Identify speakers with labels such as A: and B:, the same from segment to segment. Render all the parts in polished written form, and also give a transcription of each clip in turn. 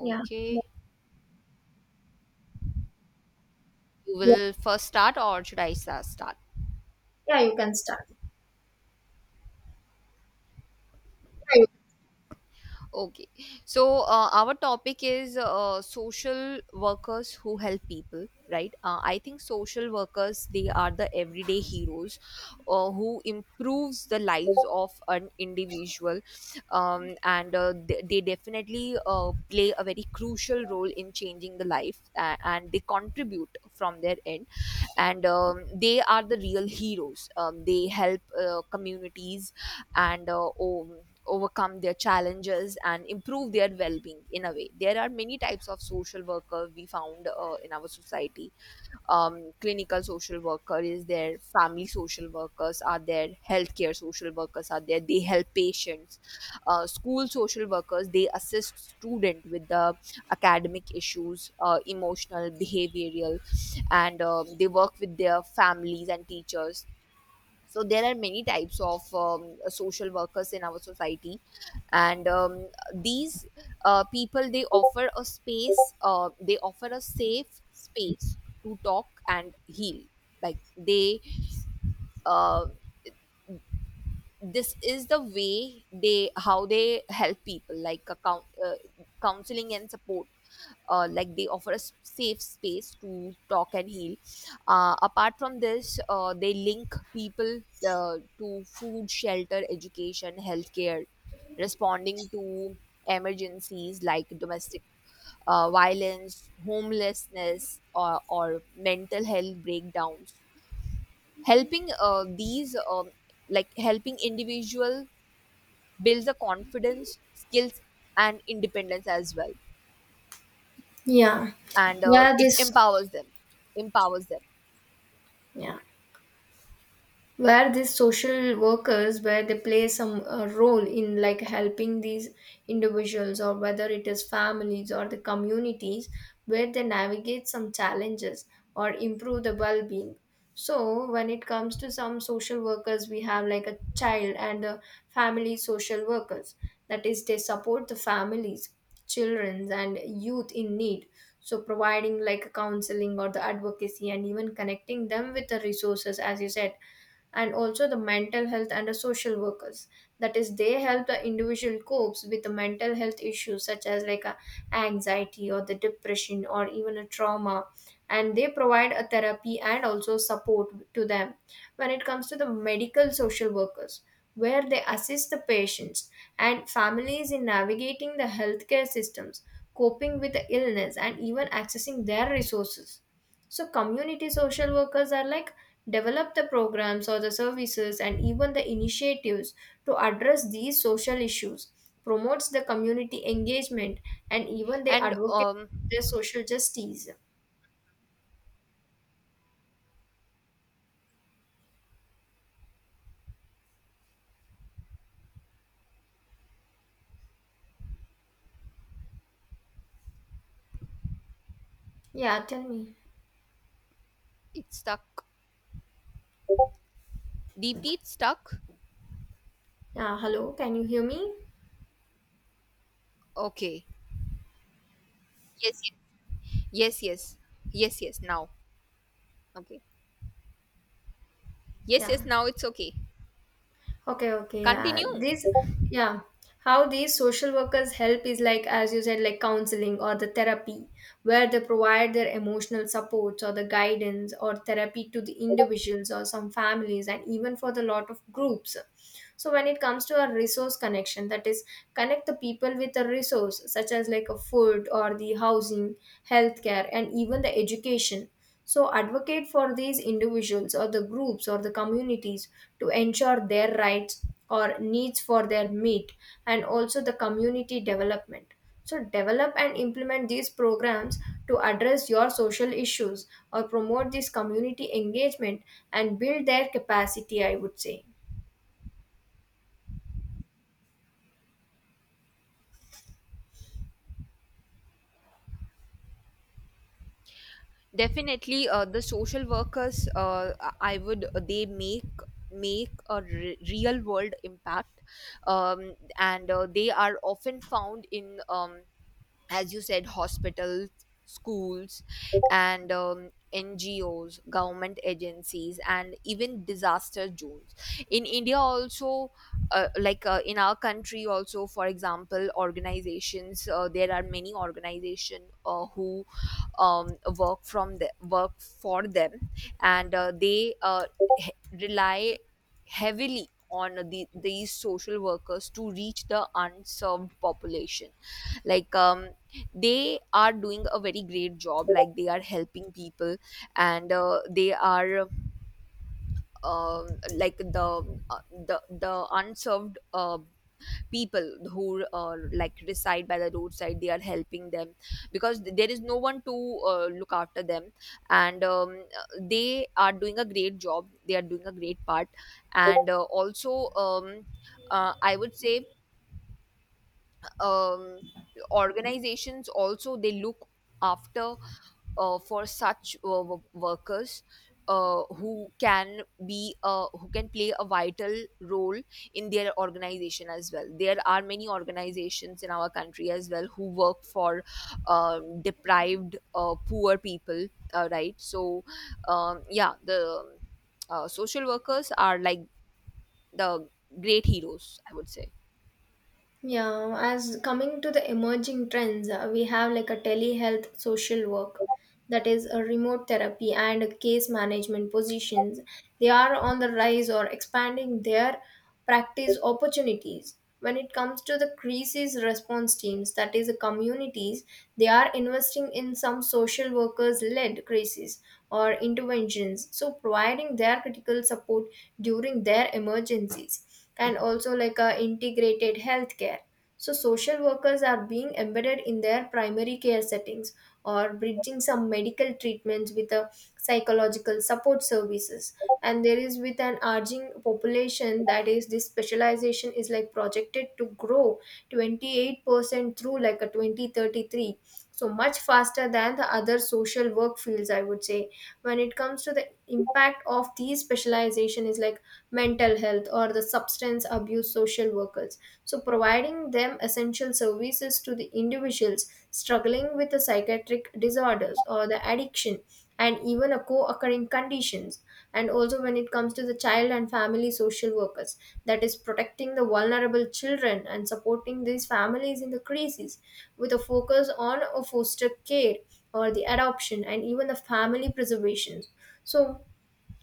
A: Yeah.
B: you will first start, or should I start?
A: Yeah, you can start.
B: Right. Okay, so our topic is social workers who help people, right? I think social workers they are the everyday heroes who improves the lives of an individual, and they definitely play a very crucial role in changing the life, and they contribute from their end. And they are the real heroes. They help communities and overcome their challenges and improve their well-being. In a way, there are many types of social worker we found in our society. Clinical social worker is there, family social workers are there, healthcare social workers are there. They help patients. School social workers, they assist student with the academic issues, emotional, behavioral, and they work with their families and teachers. So there are many types of social workers in our society, and these people, they offer a safe space to talk and heal. Like they uh, this is the way they how they help people. Like counseling and support, like they offer a safe space to talk and heal. Apart from this, they link people to food, shelter, education, healthcare, responding to emergencies like domestic violence, homelessness, or mental health breakdowns, helping these like helping individual builds a confidence, skills, and independence as well.
A: Yeah.
B: And
A: Yeah,
B: it
A: this.
B: empowers them, empowers them.
A: Yeah. Where these social workers, where they play some role in like helping these individuals, or whether it is families or the communities, where they navigate some challenges or improve the well-being. So when it comes to some social workers, we have like a child and a family social workers, that is they support the families, children and youth in need. So providing like counseling or the advocacy and even connecting them with the resources, as you said. And also the mental health and the social workers, that is they help the individual copes with the mental health issues such as like a anxiety or the depression or even a trauma, and they provide a therapy and also support to them. When it comes to the medical social workers, where they assist the patients and families in navigating the healthcare systems, coping with the illness and even accessing their resources. So community social workers are like develop the programs or the services and even the initiatives to address these social issues, promotes the community engagement, and even they
B: and
A: advocate
B: um
A: their social justice. Yeah, tell me.
B: it's stuck, deeply, it's stuck.
A: Yeah, hello, can you hear me?
B: Okay, yes, yes. Yes, yes. Yes, yes now. Okay, yes, yes,
A: Yeah.
B: now it's okay.
A: Okay, okay, yeah.
B: Continue.
A: This, yeah, how these social workers help is like, as you said, like counseling or the therapy, where they provide their emotional supports or the guidance or therapy to the individuals or some families and even for the lot of groups. So when it comes to a resource connection, that is connect the people with a resource such as like a food or the housing, healthcare and even the education. So advocate for these individuals or the groups or the communities to ensure their rights or needs for their meet. And also the community development, so develop and implement these programs to address your social issues or promote this community engagement and build their capacity, I would say.
B: Definitely, the social workers, I would they make make a real world impact, and they are often found in, as you said, hospitals, schools, and NGOs, government agencies, and even disaster zones. In India, also, like in our country, also, for example, organizations. There are many organizations who work for them, and they he- rely heavily on these social workers to reach the unserved population. Like they are doing a very great job. Like they are helping people, and they are, um like the uh, the unserved people who, like, reside by the roadside, they are helping them, because there is no one to look after them. And they are doing a great job, they are doing a great part. And uh, also um, uh, I would say, um, organizations also, they look after, for such workers who can play a vital role in their organization as well. There are many organizations in our country as well who work for deprived, poor people, right? So yeah, the social workers are like the great heroes, I would say.
A: Yeah, as coming to the emerging trends, we have like a telehealth social work, that is a remote therapy and a case management positions. They are on the rise or expanding their practice opportunities. When it comes to the crisis response teams, that is the communities, they are investing in some social workers led crises or interventions, so providing their critical support during their emergencies. And also like a integrated healthcare. So social workers are being embedded in their primary care settings or bridging some medical treatments with a psychological support services. And there is with an aging population, that is this specialization is like projected to grow 28% through like a 2033, so much faster than the other social work fields, I would say. When it comes to the impact of these specialization is like mental health or the substance abuse social workers, so providing them essential services to the individuals struggling with the psychiatric disorders or the addiction and even a co-occurring conditions. And also when it comes to the child and family social workers, that is protecting the vulnerable children and supporting these families in the crisis with a focus on a foster care or the adoption and even the family preservation. So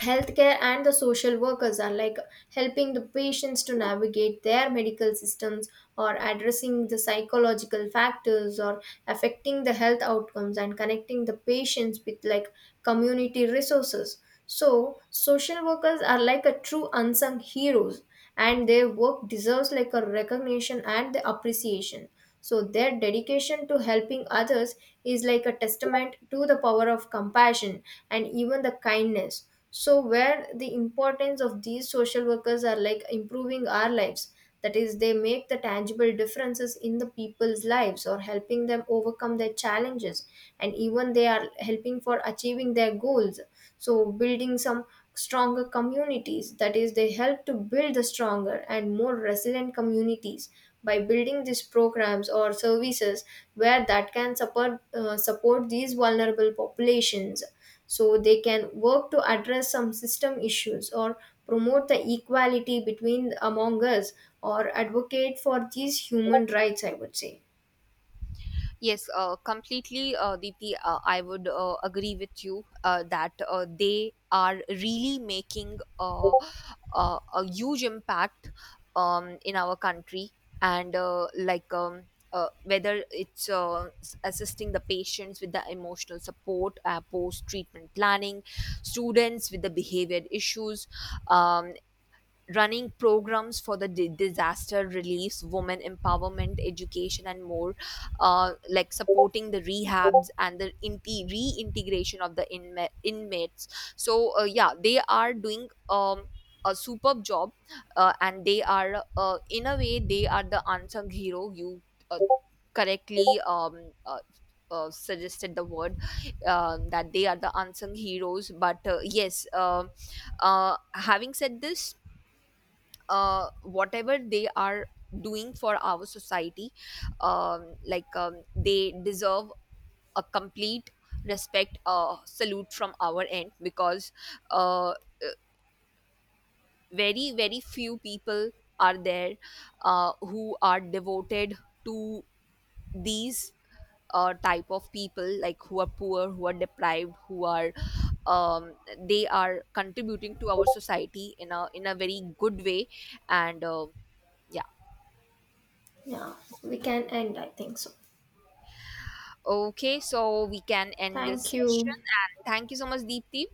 A: healthcare and the social workers are like helping the patients to navigate their medical systems or addressing the psychological factors or affecting the health outcomes and connecting the patients with like community resources. So social workers are like a true unsung heroes and their work deserves like a recognition and the appreciation. So their dedication to helping others is like a testament to the power of compassion and even the kindness. So where the importance of these social workers are like improving our lives, that is they make the tangible differences in the people's lives or helping them overcome their challenges, and even they are helping for achieving their goals. So building some stronger communities, that is they help to build the stronger and more resilient communities by building these programs or services where that can support support these vulnerable populations. So they can work to address some system issues or promote the equality between among us or advocate for these human rights, I would say.
B: Yes, completely, Deepti. I would agree with you that they are really making a huge impact in our country, and whether it's assisting the patients with the emotional support, post treatment planning, students with the behavior issues, um, running programs for the disaster relief, women empowerment, education, and more, like supporting the rehabs and the reintegration of the inmates. So, yeah, they are doing a superb job, and they are, in a way, they are the unsung hero. You uh, correctly suggested the word that they are the unsung heroes. But yes, having said this, whatever they are doing for our society, they deserve a complete respect, salute from our end, because uh, uh, very very few people are there who are devoted to these type of people, like who are poor, who are deprived, who are, um, they are contributing to our society in a very good way. And yeah.
A: Yeah, we can end, I think so.
B: Okay, so we can end this
A: Thank
B: session.
A: you.
B: And thank you so much, Deepti,